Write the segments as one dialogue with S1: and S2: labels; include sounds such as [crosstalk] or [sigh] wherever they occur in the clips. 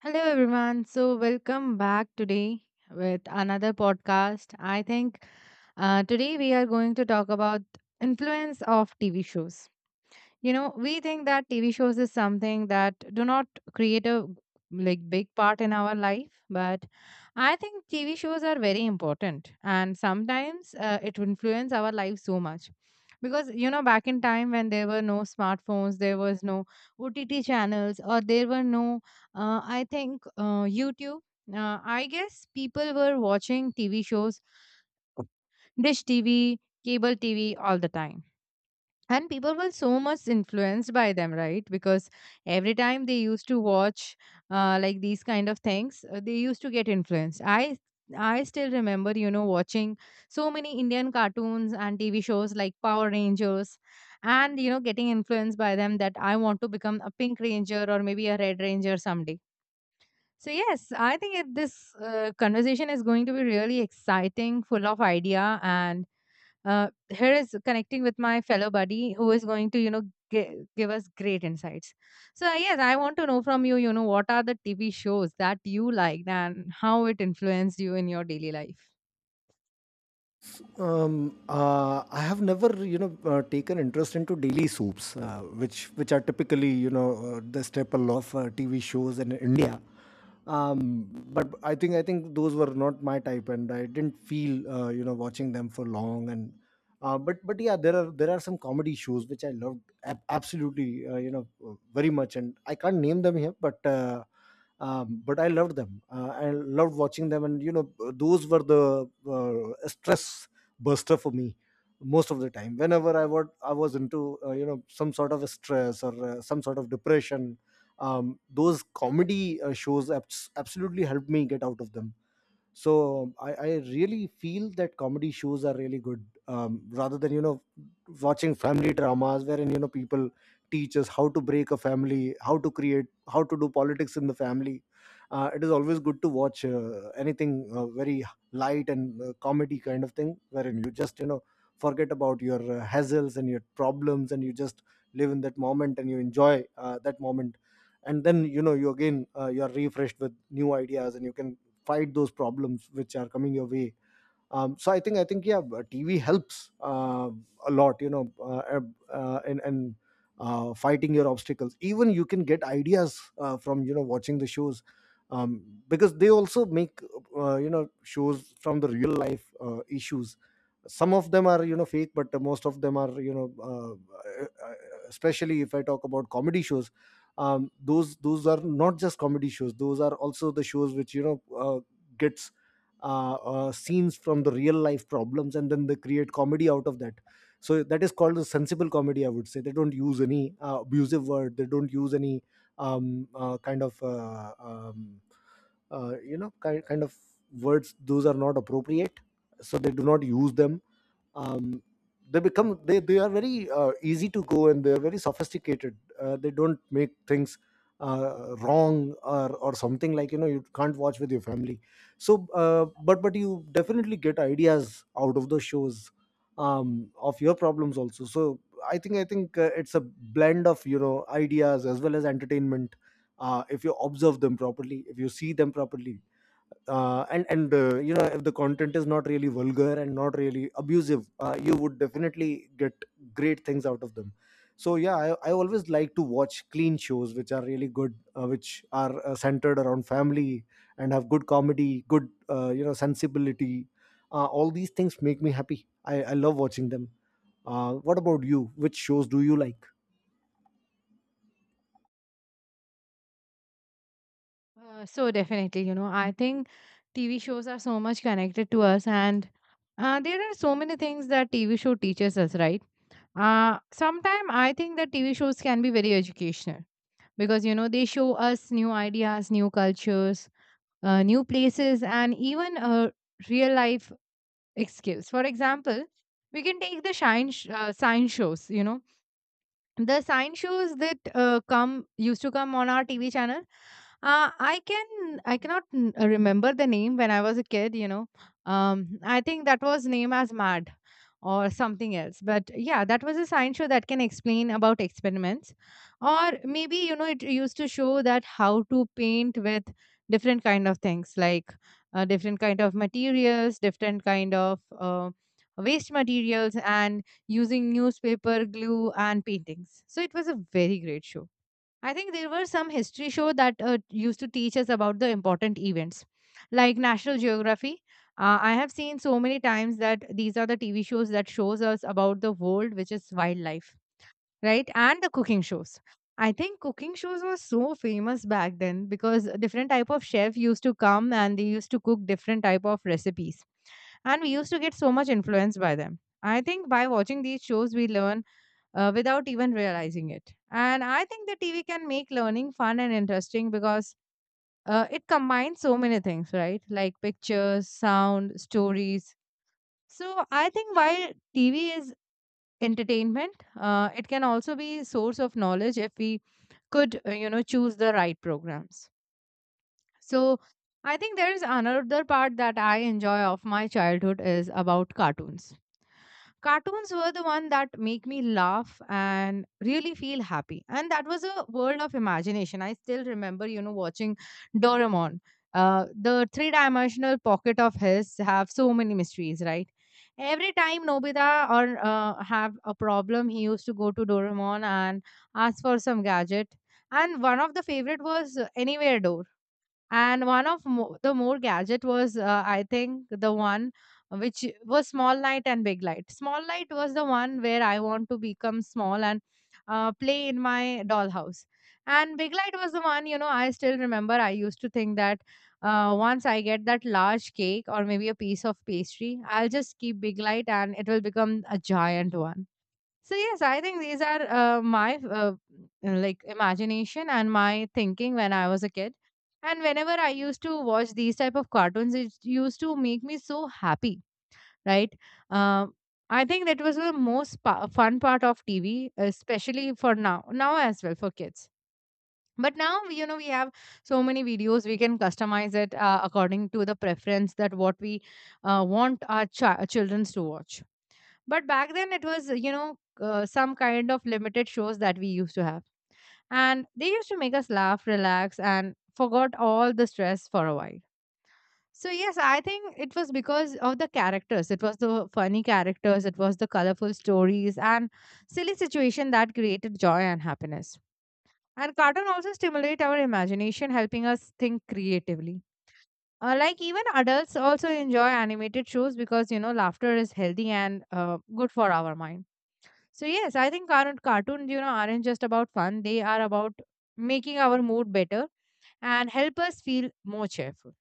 S1: Hello, everyone. So, welcome back today with another podcast. I think today we are going to talk about influence of TV shows. We think that tv shows is something that do not create a like big part in our life, but I think tv shows are very important, and sometimes it influence our life so much. Because back in time when there were no smartphones, there was no ott channels, or there were no I think youtube. I guess people were watching tv shows, dish tv, cable tv all the time. And people were so much influenced by them, right? Because every time they used to watch like these kind of things, they used to get influenced. I still remember watching so many indian cartoons and tv shows like power rangers, and getting influenced by them, that I want to become a pink ranger or maybe a red ranger someday. So yes, I think this conversation is going to be really exciting, full of idea. And here is connecting with my fellow buddy who is going to give us great insights. So yes, I want to know from you, you know what are the tv shows that you liked and how it influenced you in your daily life.
S2: I have never, taken interest into daily soups, which are typically, the staple of TV shows in India. But I think those were not my type, and I didn't feel, watching them for long. And but yeah, there are some comedy shows which I loved absolutely, very much, and I can't name them here, but but I loved them. I loved watching them, and you know, those were the stress buster for me most of the time whenever I was into some sort of a stress or some sort of depression. Those comedy shows absolutely helped me get out of them. So I really feel that comedy shows are really good, rather than you know watching family dramas, wherein you know people teach us how to break a family, how to create, how to do politics in the family. It is always good to watch anything very light and comedy kind of thing, wherein you just you know forget about your hassles and your problems, and you just live in that moment and you enjoy that moment. And then you know you again, you are refreshed with new ideas and you can fight those problems which are coming your way. So I think yeah, TV helps a lot, you know. Ab- and Fighting your obstacles, even you can get ideas from watching the shows, um, because they also make shows from the real life issues. Some of them are you know fake, but most of them are uh, especially if I talk about comedy shows. Those are not just comedy shows, those are also the shows which gets scenes from the real life problems, and then they create comedy out of that. So that is called a sensible comedy, I would say. They don't use any abusive word, they don't use any kind of kind of words those are not appropriate, so they do not use them. Um, they become they, they are very easy to go, and they are very sophisticated. They don't make things wrong, or something like you know you can't watch with your family. But you definitely get ideas out of the shows, of your problems also. So i think i think uh, it's a blend of you know ideas as well as entertainment, if you observe them properly, if you see them properly, and you know, if the content is not really vulgar and not really abusive, you would definitely get great things out of them. So yeah, I always like to watch clean shows which are really good, which are centered around family and have good comedy, good sensibility. All these things make me happy. I love watching them. What about you, which shows do you like?
S1: So definitely, I think TV shows are so much connected to us, and there are so many things that TV show teaches us, right? Uh, Sometimes I think that TV shows can be very educational, because they show us new ideas, new cultures, new places, and even a real life excuse. For example, we can take the sign shows. The sign shows that come used to come on our TV channel. I cannot remember the name when I was a kid. I think that was name as Mad or something else. But yeah, that was a science show that can explain about experiments, or maybe it used to show that how to paint with different kind of things, like different kind of materials, different kind of waste materials, and using newspaper glue and paintings. So it was a very great show. I think there were some history show that used to teach us about the important events, like National Geography. I have seen so many times that these are the TV shows that shows us about the world, which is wildlife, right? And the cooking shows. I think cooking shows were so famous back then, because different type of chef used to come and they used to cook different type of recipes, and we used to get so much influenced by them. I think by watching these shows, we learn without even realizing it. And I think the TV can make learning fun and interesting, because it combines so many things, right? Like pictures, sound, stories. So I think while TV is entertainment, it can also be source of knowledge if we could, choose the right programs. So I think there is another part that I enjoy of my childhood is about cartoons. Cartoons were the one that make me laugh and really feel happy, and that was a world of imagination. I still remember watching doraemon. uh, the three dimensional pocket of his have so many mysteries, right? Every time nobita or have a problem, he used to go to doraemon and ask for some gadget. And one of the favorite was anywhere door. And one of the more gadget was I think the one which was small light and big light. Small light was the one where I want to become small and play in my dollhouse. And big light was the one, I still remember, I used to think that once I get that large cake or maybe a piece of pastry, I'll just keep big light and it will become a giant one. So yes, I think these are my like imagination and my thinking when I was a kid. And whenever I used to watch these type of cartoons, it used to make me so happy, right? Um, I think that was the most fun part of TV, especially for now, as well for kids. But now, we have so many videos. We can customize it according to the preference that what we want our children to watch. But back then, it was, some kind of limited shows that we used to have. And they used to make us laugh, relax, and forgot all the stress for a while. So yes, I think it was because of the characters. It was the funny characters, it was the colorful stories, and silly situation that created joy and happiness. And cartoon also stimulate our imagination, helping us think creatively. Like even adults also enjoy animated shows, because laughter is healthy and good for our mind. So yes, I think our cartoons, aren't just about fun. They are about making our mood better and help us feel more cheerful.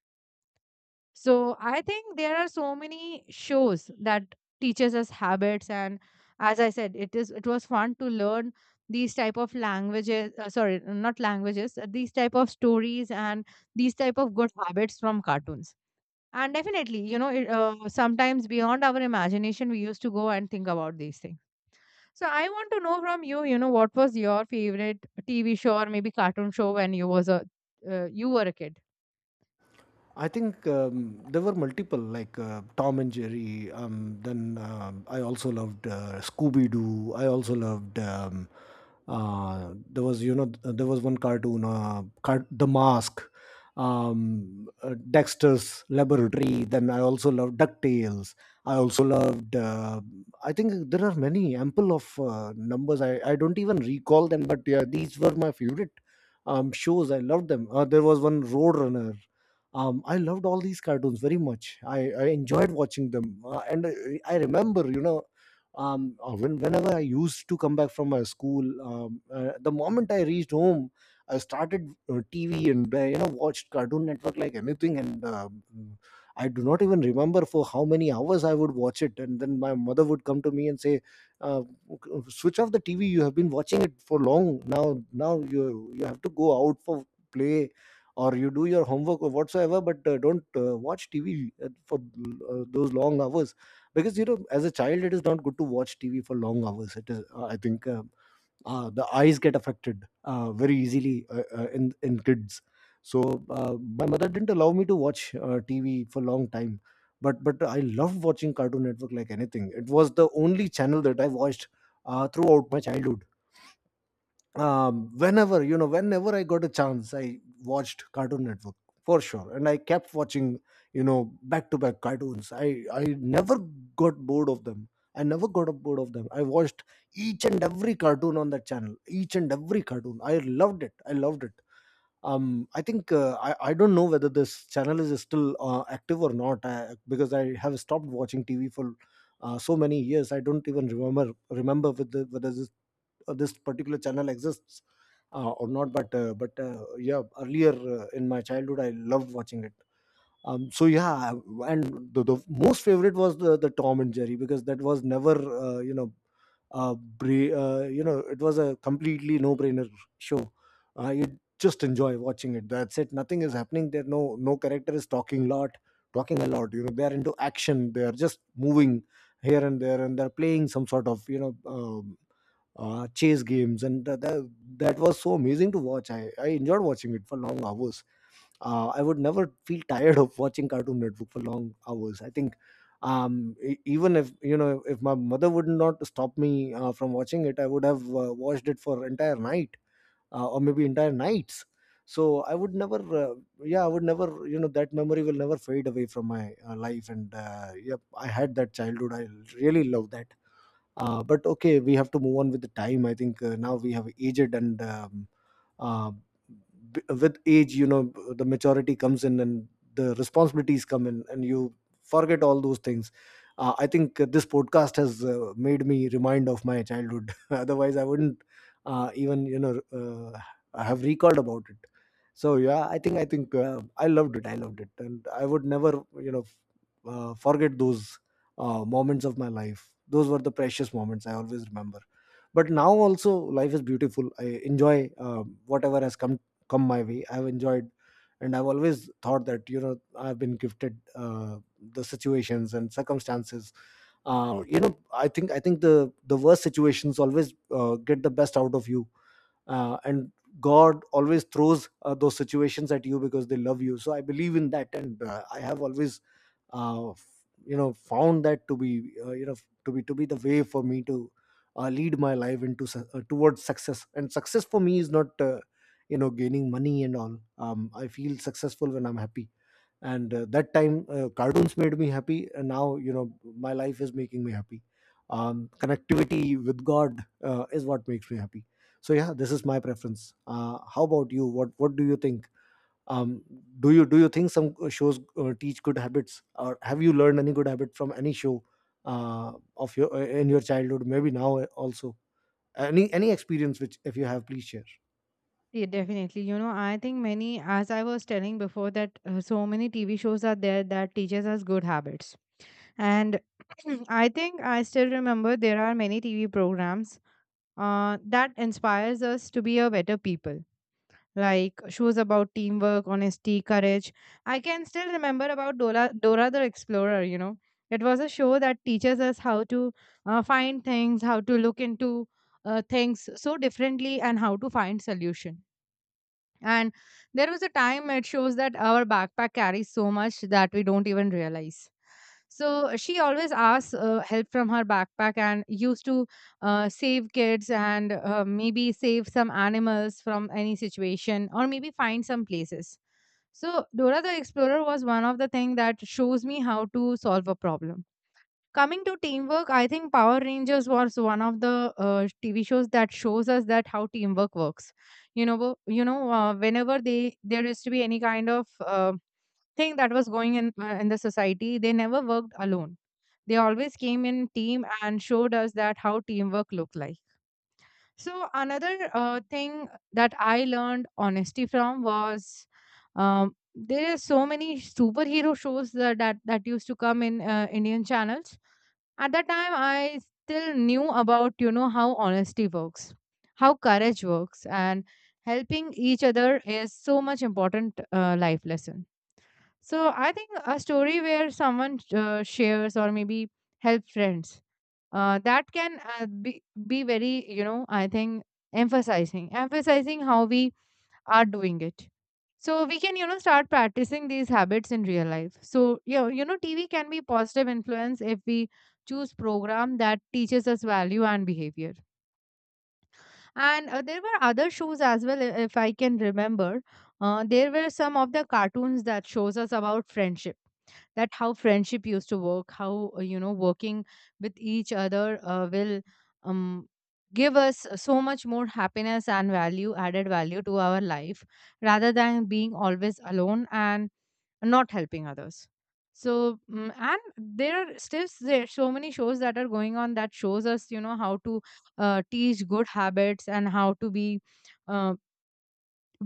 S1: So I think there are so many shows that teaches us habits, and as I said, it was fun to learn these type of languages, sorry, not languages, these type of stories and these type of good habits from cartoons. And definitely sometimes beyond our imagination we used to go and think about these things. So I want to know from you, what was your favorite TV show or maybe cartoon show when you were a kid?
S2: I think there were multiple, like Tom and Jerry. Then I also loved Scooby Doo. I also loved. There was, you know, there was one cartoon, The Mask, Dexter's Laboratory. Then I also loved Ducktales. I also loved. I think there are many ample of numbers. I don't even recall them, but yeah, these were my favorite shows. I loved them. There was one Roadrunner. I loved all these cartoons very much. I enjoyed watching them, and I remember, whenever I used to come back from my school, the moment I reached home, I started TV and watched Cartoon Network like anything, and I do not even remember for how many hours I would watch it. And then my mother would come to me and say, uh, "Switch off the TV. You have been watching it for long now. Now you have to go out for play, or you do your homework or whatsoever, but don't watch TV for those long hours. Because you know, as a child, it is not good to watch TV for long hours. It is, I think the eyes get affected very easily, in kids. So uh, my mother didn't allow me to watch TV for a long time. But I loved watching Cartoon Network like anything. It was the only channel that I watched throughout my childhood. Whenever you know Whenever I got a chance, I watched Cartoon Network, for sure. And I kept watching, you know, back to back cartoons. I never got bored of them, I never got bored of them. I watched each and every cartoon on that channel, each and every cartoon. I loved it, I loved it. Um i think uh, i i don't know whether this channel is still active or not, because I have stopped watching TV for so many years. I don't even remember whether this particular channel exists or not. But yeah, earlier in my childhood, I loved watching it. So yeah. And the most favorite was the Tom and Jerry, because that was never uh, you know it was a completely no brainer show. You just enjoy watching it, that's it. Nothing is happening there, no, character is talking a lot. You know, they're into action, they're just moving here and there, and they're playing some sort of, you know, chase games. And that was so amazing to watch. I enjoyed watching it for long hours. I would never feel tired of watching Cartoon Network for long hours. I think, even if, you know, if my mother would not stop me from watching it, I would have watched it for entire night or maybe entire nights. So I would never, yeah, I would never, you know, that memory will never fade away from my life. And yep, I had that childhood. I really love that. But okay, we have to move on with the time. I think now we have aged, and uh, with age, you know, the maturity comes in, and the responsibilities come in, and you forget all those things. I think this podcast has made me remind of my childhood, [laughs] otherwise I wouldn't even, you know, have recalled about it. So yeah, I think I loved it, I loved it, and I would never, you know, forget those moments of my life. Those were the precious moments, I always remember. But now also life is beautiful. I enjoy whatever has come my way. I've enjoyed, and I've always thought that, you know, I've been gifted the situations and circumstances. I think the worst situations always get the best out of you. And God always throws those situations at you because they love you. So I believe in that. And I have always, uh, f- found that to be, to be the way for me to lead my life into towards success. And success for me is not, gaining money and all. I feel successful when I'm happy. And that time cartoons made me happy, and now, you know, my life is making me happy. Connectivity with God is what makes me happy. So yeah, this is my preference. How about you, what do you think? Um, do you do you think some shows teach good habits, or have you learned any good habit from any show of your in your childhood, maybe now also? Any experience which if you have, please share.
S1: Yeah, definitely. I think many, as I was telling before, that so many TV shows are there that teaches us good habits. And [clears throat] I think I still remember, there are many TV programs that inspires us to be a better people. Like shows about teamwork, honesty, courage. I can still remember about Dora the Explorer. It was a show that teaches us how to find things, how to look into things so differently, and how to find solution. And there was a time it shows that our backpack carries so much that we don't even realize. So she always asks help from her backpack, and used to save kids and maybe save some animals from any situation or maybe find some places. So Dora the Explorer was one of the thing that shows me how to solve a problem. Coming to teamwork, I think Power Rangers was one of the TV shows that shows us that how teamwork works. Whenever they there used to be any kind of thing that was going in the society, they never worked alone. They always came in team and showed us that how teamwork looked like. So another thing that I learned honesty from was there are so many superhero shows that used to come in Indian channels at that time. I still knew about, how honesty works, how courage works, and helping each other is so much important life lesson. So I think a story where someone shares or maybe help friends, that can be very, I think emphasizing how we are doing it. So we can, start practicing these habits in real life. So, TV can be positive influence if we choose program that teaches us value and behavior. And there were other shows as well, if I can remember. There were some of the cartoons that shows us about friendship, that how friendship used to work, how working with each other will um, give us so much more happiness and value, added value to our life, rather than being always alone and not helping others. And there are still there so many shows that are going on that shows us how to teach good habits and how to be uh,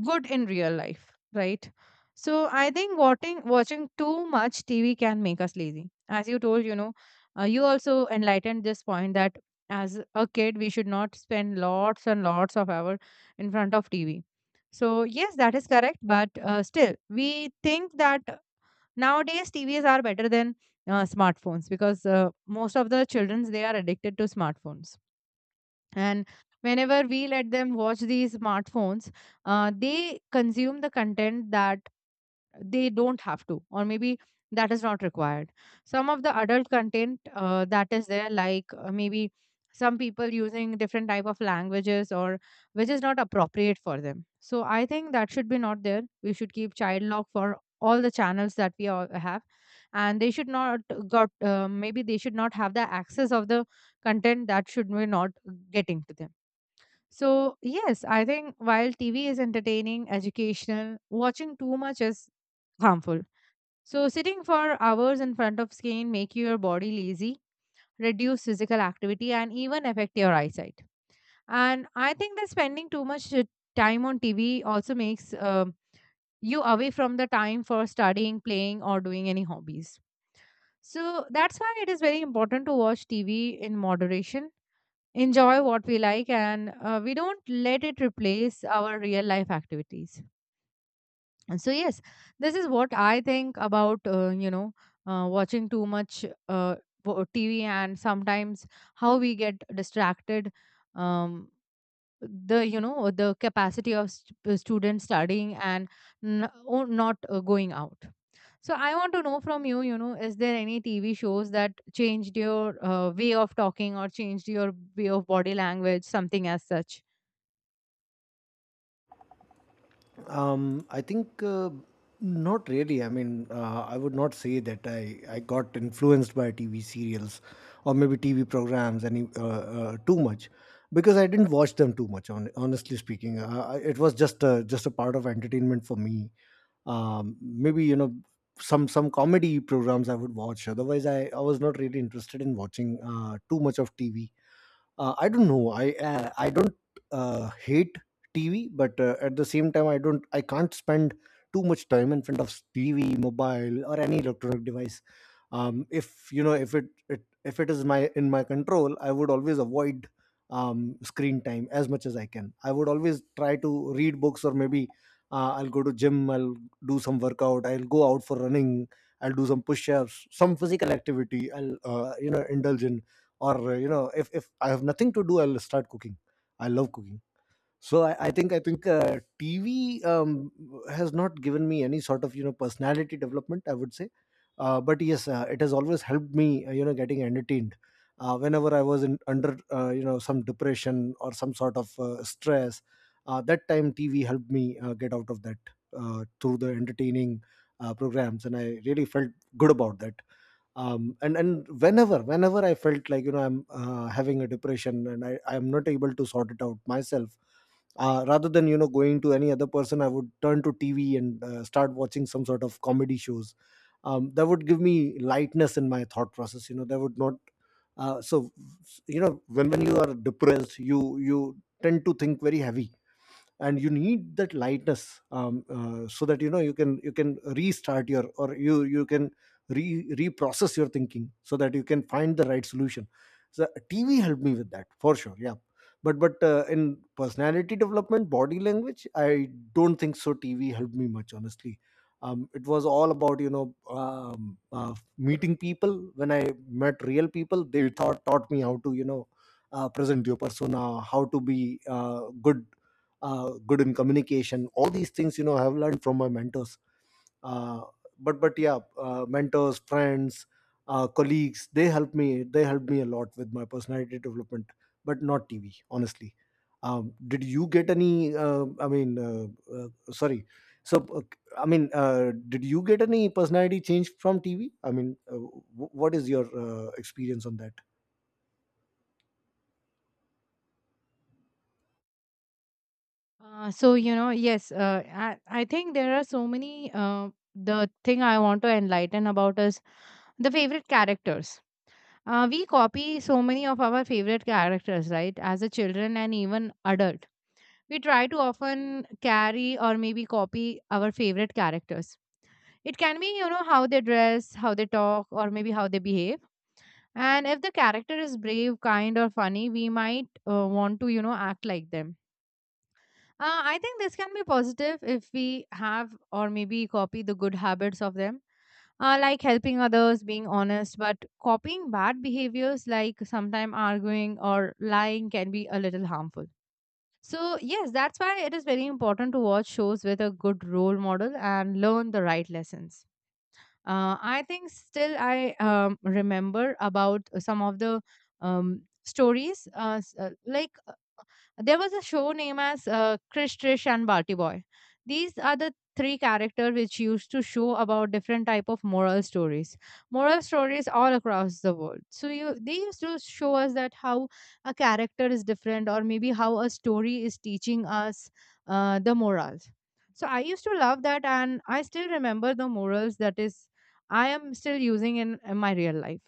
S1: good in real life, right? So I think watching too much TV can make us lazy, as you told, you also enlightened this point that as a kid we should not spend lots and lots of hour in front of TV. So yes, that is correct, but still we think that nowadays TVs are better than smartphones, because most of the childrens, they are addicted to smartphones, and whenever we let them watch these smartphones, they consume the content that they don't have to, or maybe that is not required. Some of the adult content that is there, like maybe some people using different type of languages, or which is not appropriate for them. So I think that should be not there. We should keep child lock for all the channels that we all have, and they should not got maybe they should not have the access of the content that should we not getting to them. So, yes, I think while TV is entertaining, educational, watching too much is harmful. So, sitting for hours in front of screen make your body lazy, reduce physical activity and even affect your eyesight. And I think that spending too much time on TV also makes you away from the time for studying, playing or doing any hobbies. So, that's why it is very important to watch TV in moderation, enjoy what we like, and we don't let it replace our real life activities. And so yes, this is what I think about, watching too much, TV, and sometimes how we get distracted, um, the, you know, the capacity of students studying and not going out. So I want to know from you, you know, is there any TV shows that changed your way of talking or changed your way of body language, something as such?
S2: I think, not really. I mean, I would not say that I got influenced by TV serials or maybe TV programs any, too much, because I didn't watch them too much. On honestly speaking, I- it was just a part of entertainment for me. Maybe, you know, some comedy programs I would watch. Otherwise, I was not really interested in watching too much of TV. I don't know. I don't hate TV, but at the same time I don't I can't spend too much time in front of TV, mobile, or any electronic device. If you know, if it, it if it is my in my control, I would always avoid screen time as much as I can. I would always try to read books, or maybe I'll go to gym, I'll do some workout, I'll go out for running, I'll do some push-ups, some physical activity I'll indulge in. Or if I have nothing to do, I'll start cooking. I love cooking. So I think TV has not given me any sort of personality development, I would say. But yes, it has always helped me getting entertained. Whenever I was in under some depression or some sort of stress, that time TV helped me get out of that through the entertaining programs, and I really felt good about that. Um, and and whenever whenever I felt like I'm having a depression and I am not able to sort it out myself, rather than going to any other person, I would turn to TV and start watching some sort of comedy shows that would give me lightness in my thought process. You know, that would not. So you know, when you are depressed, you tend to think very heavy, and you need that lightness, so that you know you can restart your, or you can re reprocess your thinking so that you can find the right solution. So TV helped me with that for sure, yeah. But in personality development, body language, I don't think so TV helped me much, honestly. It was all about meeting people. When I met real people, they taught me how to present your persona, how to be good in communication. All these things, you know, I have learned from my mentors. Uh, but but yeah, mentors, friends, colleagues, they helped me a lot with my personality development, but not TV, honestly. Did you get any sorry, so uh, did you get any personality change from TV? I mean, what is your experience on that?
S1: So you know, yes, I think there are so many. The thing I want to enlighten about is the favorite characters. We copy so many of our favorite characters, right? As a children and even adult, we try to often carry or maybe copy our favorite characters. It can be, you know, how they dress, how they talk, or maybe how they behave. And if the character is brave, kind, or funny, we might want to, you know, act like them. I think this can be positive if we have or maybe copy the good habits of them, like helping others, being honest. But copying bad behaviors, like sometimes arguing or lying, can be a little harmful. So, yes, that's why it is very important to watch shows with a good role model and learn the right lessons. I think still I remember about some of the stories, like there was a show named as Krish, Trish, and Barty Boy. These are the three characters which used to show about different type of moral stories all across the world. So you, they used to show us that how a character is different or maybe how a story is teaching us the morals. So I used to love that, and I still remember the morals that is I am still using in my real life.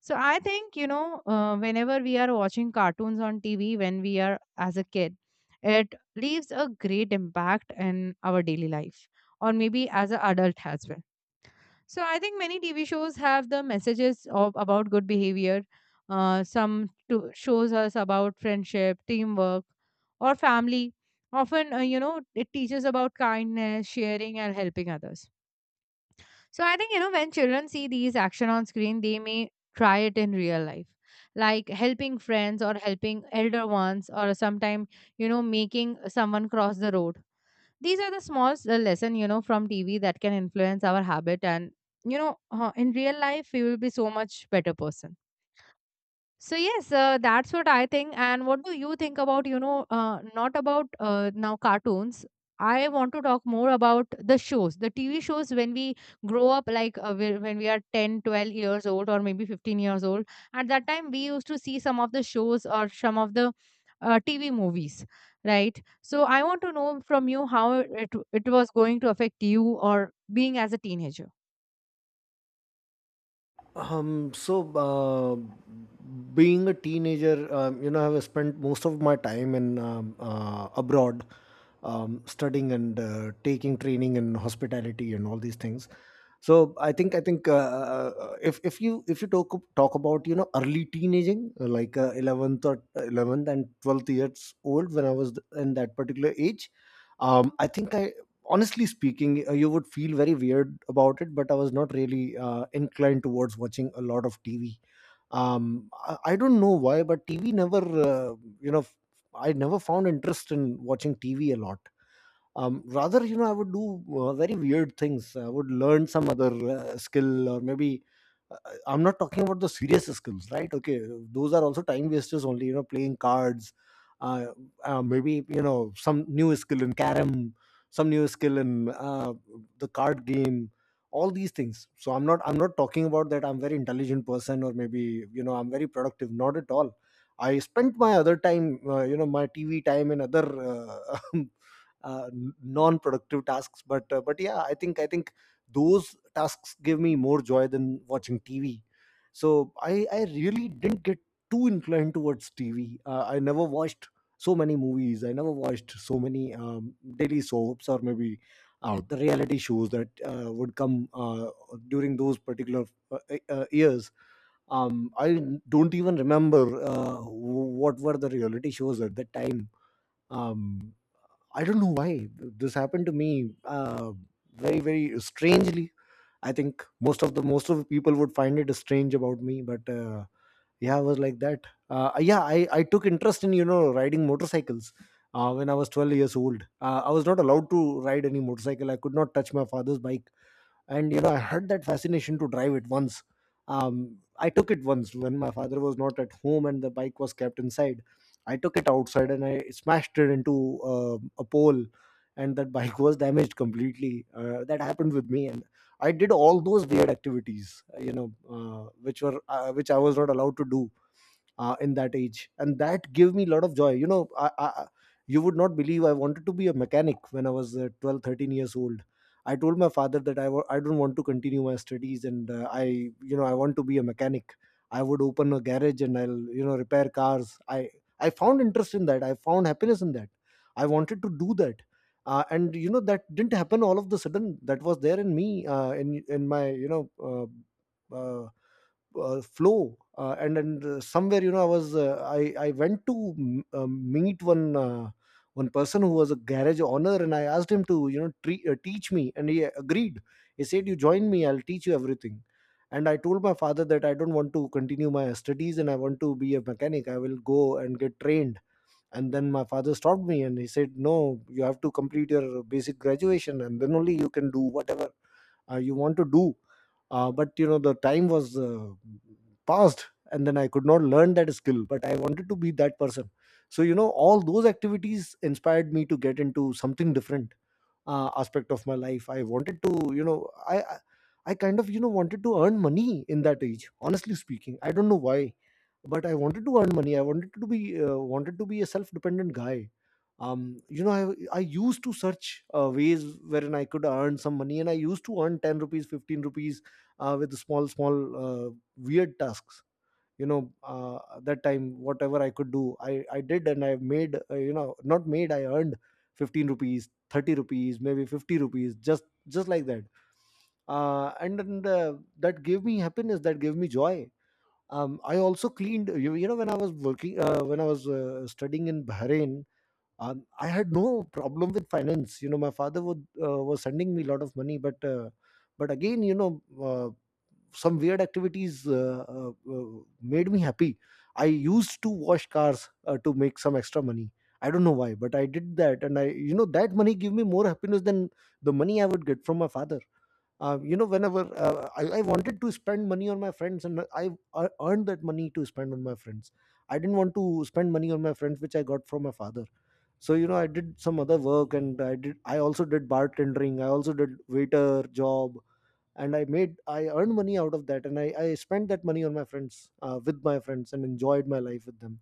S1: So I think, you know, whenever we are watching cartoons on TV when we are as a kid, it leaves a great impact in our daily life, or maybe as an adult as well. So I think many TV shows have the messages of about good behavior. Some to shows us about friendship, teamwork, or family. Often, you know, it teaches about kindness, sharing, and helping others. So I think, you know, when children see these action on screen, they may try it in real life, like helping friends or helping elder ones, or sometime, you know, making someone cross the road. These are the small lesson, you know, from TV that can influence our habit. And, you know, in real life, we will be so much better person. So yes, that's what I think. And what do you think about, you know, not about now cartoons. I want to talk more about the shows, the TV shows when we grow up, like when we are 10, 12 years old, or maybe 15 years old. At that time, we used to see some of the shows or some of the TV movies, right? So I want to know from you how it, it was going to affect you or being as a teenager.
S2: Um, so, uh, Being a teenager, you know, I've spent most of my time in abroad, studying and taking training in hospitality and all these things. So, I think if you talk talk about you know early teenaging, like eleventh and 12th years old, when I was in that particular age, I think I honestly speaking, you would feel very weird about it, but I was not really inclined towards watching a lot of TV. I don't know why, but TV never, I never found interest in watching TV a lot. Rather, you know, I would do very weird things. I would learn some other skill, or maybe uh, I'm not talking about the serious skills, right? Okay, those are also time wasters only, you know, playing cards, uh, maybe you know some new skill in carom, some new skill in the card game, all these things. So I'm not talking about that I'm very intelligent person, or maybe, you know, I'm very productive. Not at all. I spent my other time, you know, my TV time in other [laughs] uh, non-productive tasks. But yeah, I think those tasks give me more joy than watching TV. So I really didn't get too inclined towards TV. I never watched so many movies, I never watched so many daily soaps, or maybe the reality shows that would come during those particular years. I don't even remember what were the reality shows at that time. um, I don't know why this happened to me, very strangely. I think most of the people would find it strange about me, but yeah, I was like that. Yeah, I took interest in, you know, riding motorcycles. When I was 12 years old, I was not allowed to ride any motorcycle. I could not touch my father's bike, and you know, I had that fascination to drive it once. I took it once when my father was not at home and the bike was kept inside. I took it outside and I smashed it into a pole, and that bike [laughs] was damaged completely. That happened with me, and I did all those weird activities, which were, which I was not allowed to do in that age, and that gave me a lot of joy. You know, I you would not believe, I wanted to be a mechanic when I was uh, 12 13 years old. I told my father that I don't want to continue my studies and I you know, I want to be a mechanic. I would open a garage and I'll, you know, repair cars. I found interest in that, I found happiness in that, I wanted to do that. And you know, that didn't happen all of the sudden. That was there in me, in my, you know, uh, uh, flow. And Somewhere, you know, I was I went to meet one one person who was a garage owner, and I asked him to, you know, teach me, and he agreed. He said, "You join me, I'll teach you everything." And I told my father that I don't want to continue my studies and I want to be a mechanic, I will go and get trained. And then my father stopped me and he said, "No, you have to complete your basic graduation, and then only you can do whatever you want to do." But you know, the time was past, and then I could not learn that skill, but I wanted to be that person. So you know, all those activities inspired me to get into something different aspect of my life. I wanted to, you know, I I kind of, you know, wanted to earn money in that age. Honestly speaking, I don't know why, but I wanted to earn money. I wanted to be a self dependent guy. Um, you know, I used to search ways wherein I could earn some money, and I used to earn 10 rupees, 15 rupees with small weird tasks. You know, that time whatever I could do, I did. And I made, you know, not made, I earned 15 rupees, 30 rupees, maybe 50 rupees, just like that. And That gave me happiness, that gave me joy. I also cleaned, you know, when I was working, when I was studying in Bahrain, I had no problem with finance. You know, my father would, was sending me a lot of money, but but again, you know, uh, some weird activities made me happy. I used to wash cars to make some extra money. I don't know why, but I did that, and I, you know, that money gave me more happiness than the money I would get from my father. You know, whenever I wanted to spend money on my friends, and I ear- earned that money to spend on my friends. I didn't want to spend money on my friends which I got from my father. So you know, I did some other work, and I also did bartending, I also did waiter job, and I earned money out of that, and I spent that money on my friends, with my friends, and enjoyed my life with them.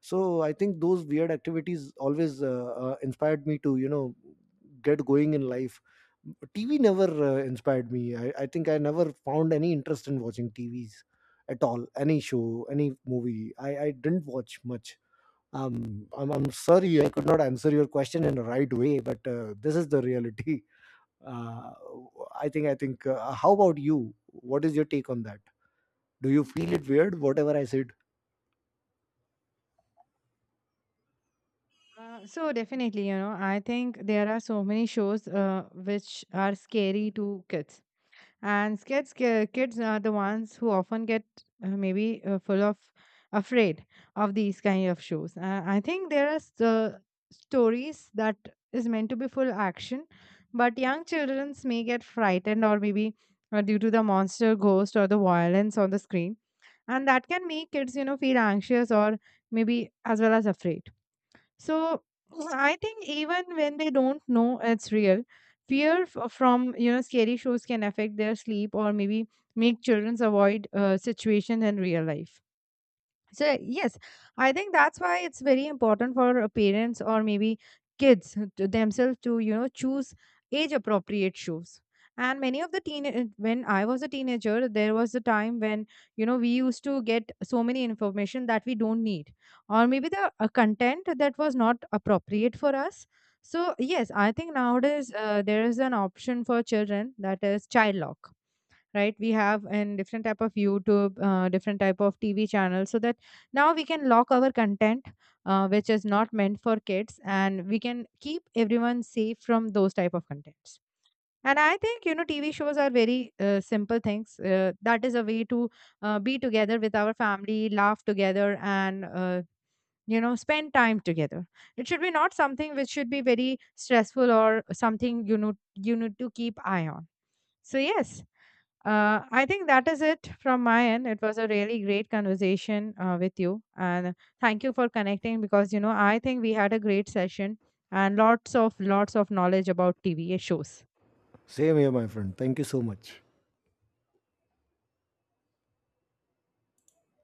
S2: So I think those weird activities always inspired me to, you know, get going in life. TV never inspired me. I think I never found any interest in watching TVs at all, any show, any movie. I didn't watch much. I'm sorry I could not answer your question in the right way, but this is the reality. [laughs] uh, I think how about you? What is your take on that? Do you feel it weird whatever I said?
S1: So definitely, you know, I think there are so many shows which are scary to kids, and kids are the ones who often get maybe full of afraid of these kind of shows. I think there are stories that is meant to be full action, but young children may get frightened, or maybe due to the monster, ghost, or the violence on the screen, and that can make kids, you know, feel anxious or maybe as well as afraid. So I think even when they don't know it's real, from, you know, scary shows can affect their sleep, or maybe make children avoid situations in real life. So, yes, I think that's why it's very important for parents or maybe kids to themselves to, you know, choose age appropriate shoes. And many of the teen, when I was a teenager, there was a time when, you know, we used to get so many information that we don't need, or maybe the content that was not appropriate for us. So, yes, I think nowadays there is an option for children, that is child lock, right? We have, and different type of YouTube, different type of TV channels, so that now we can lock our content which is not meant for kids, and we can keep everyone safe from those type of contents. And I think, you know, TV shows are very simple things, that is a way to be together with our family, laugh together, and you know, spend time together. It should be not something which should be very stressful or something, you know, you need to keep eye on. So, yes, I think that is it from my end. It was a really great conversation with you. And thank you for connecting, because, you know, I think we had a great session and lots of knowledge about TV shows.
S2: Same here, my friend, thank you so much.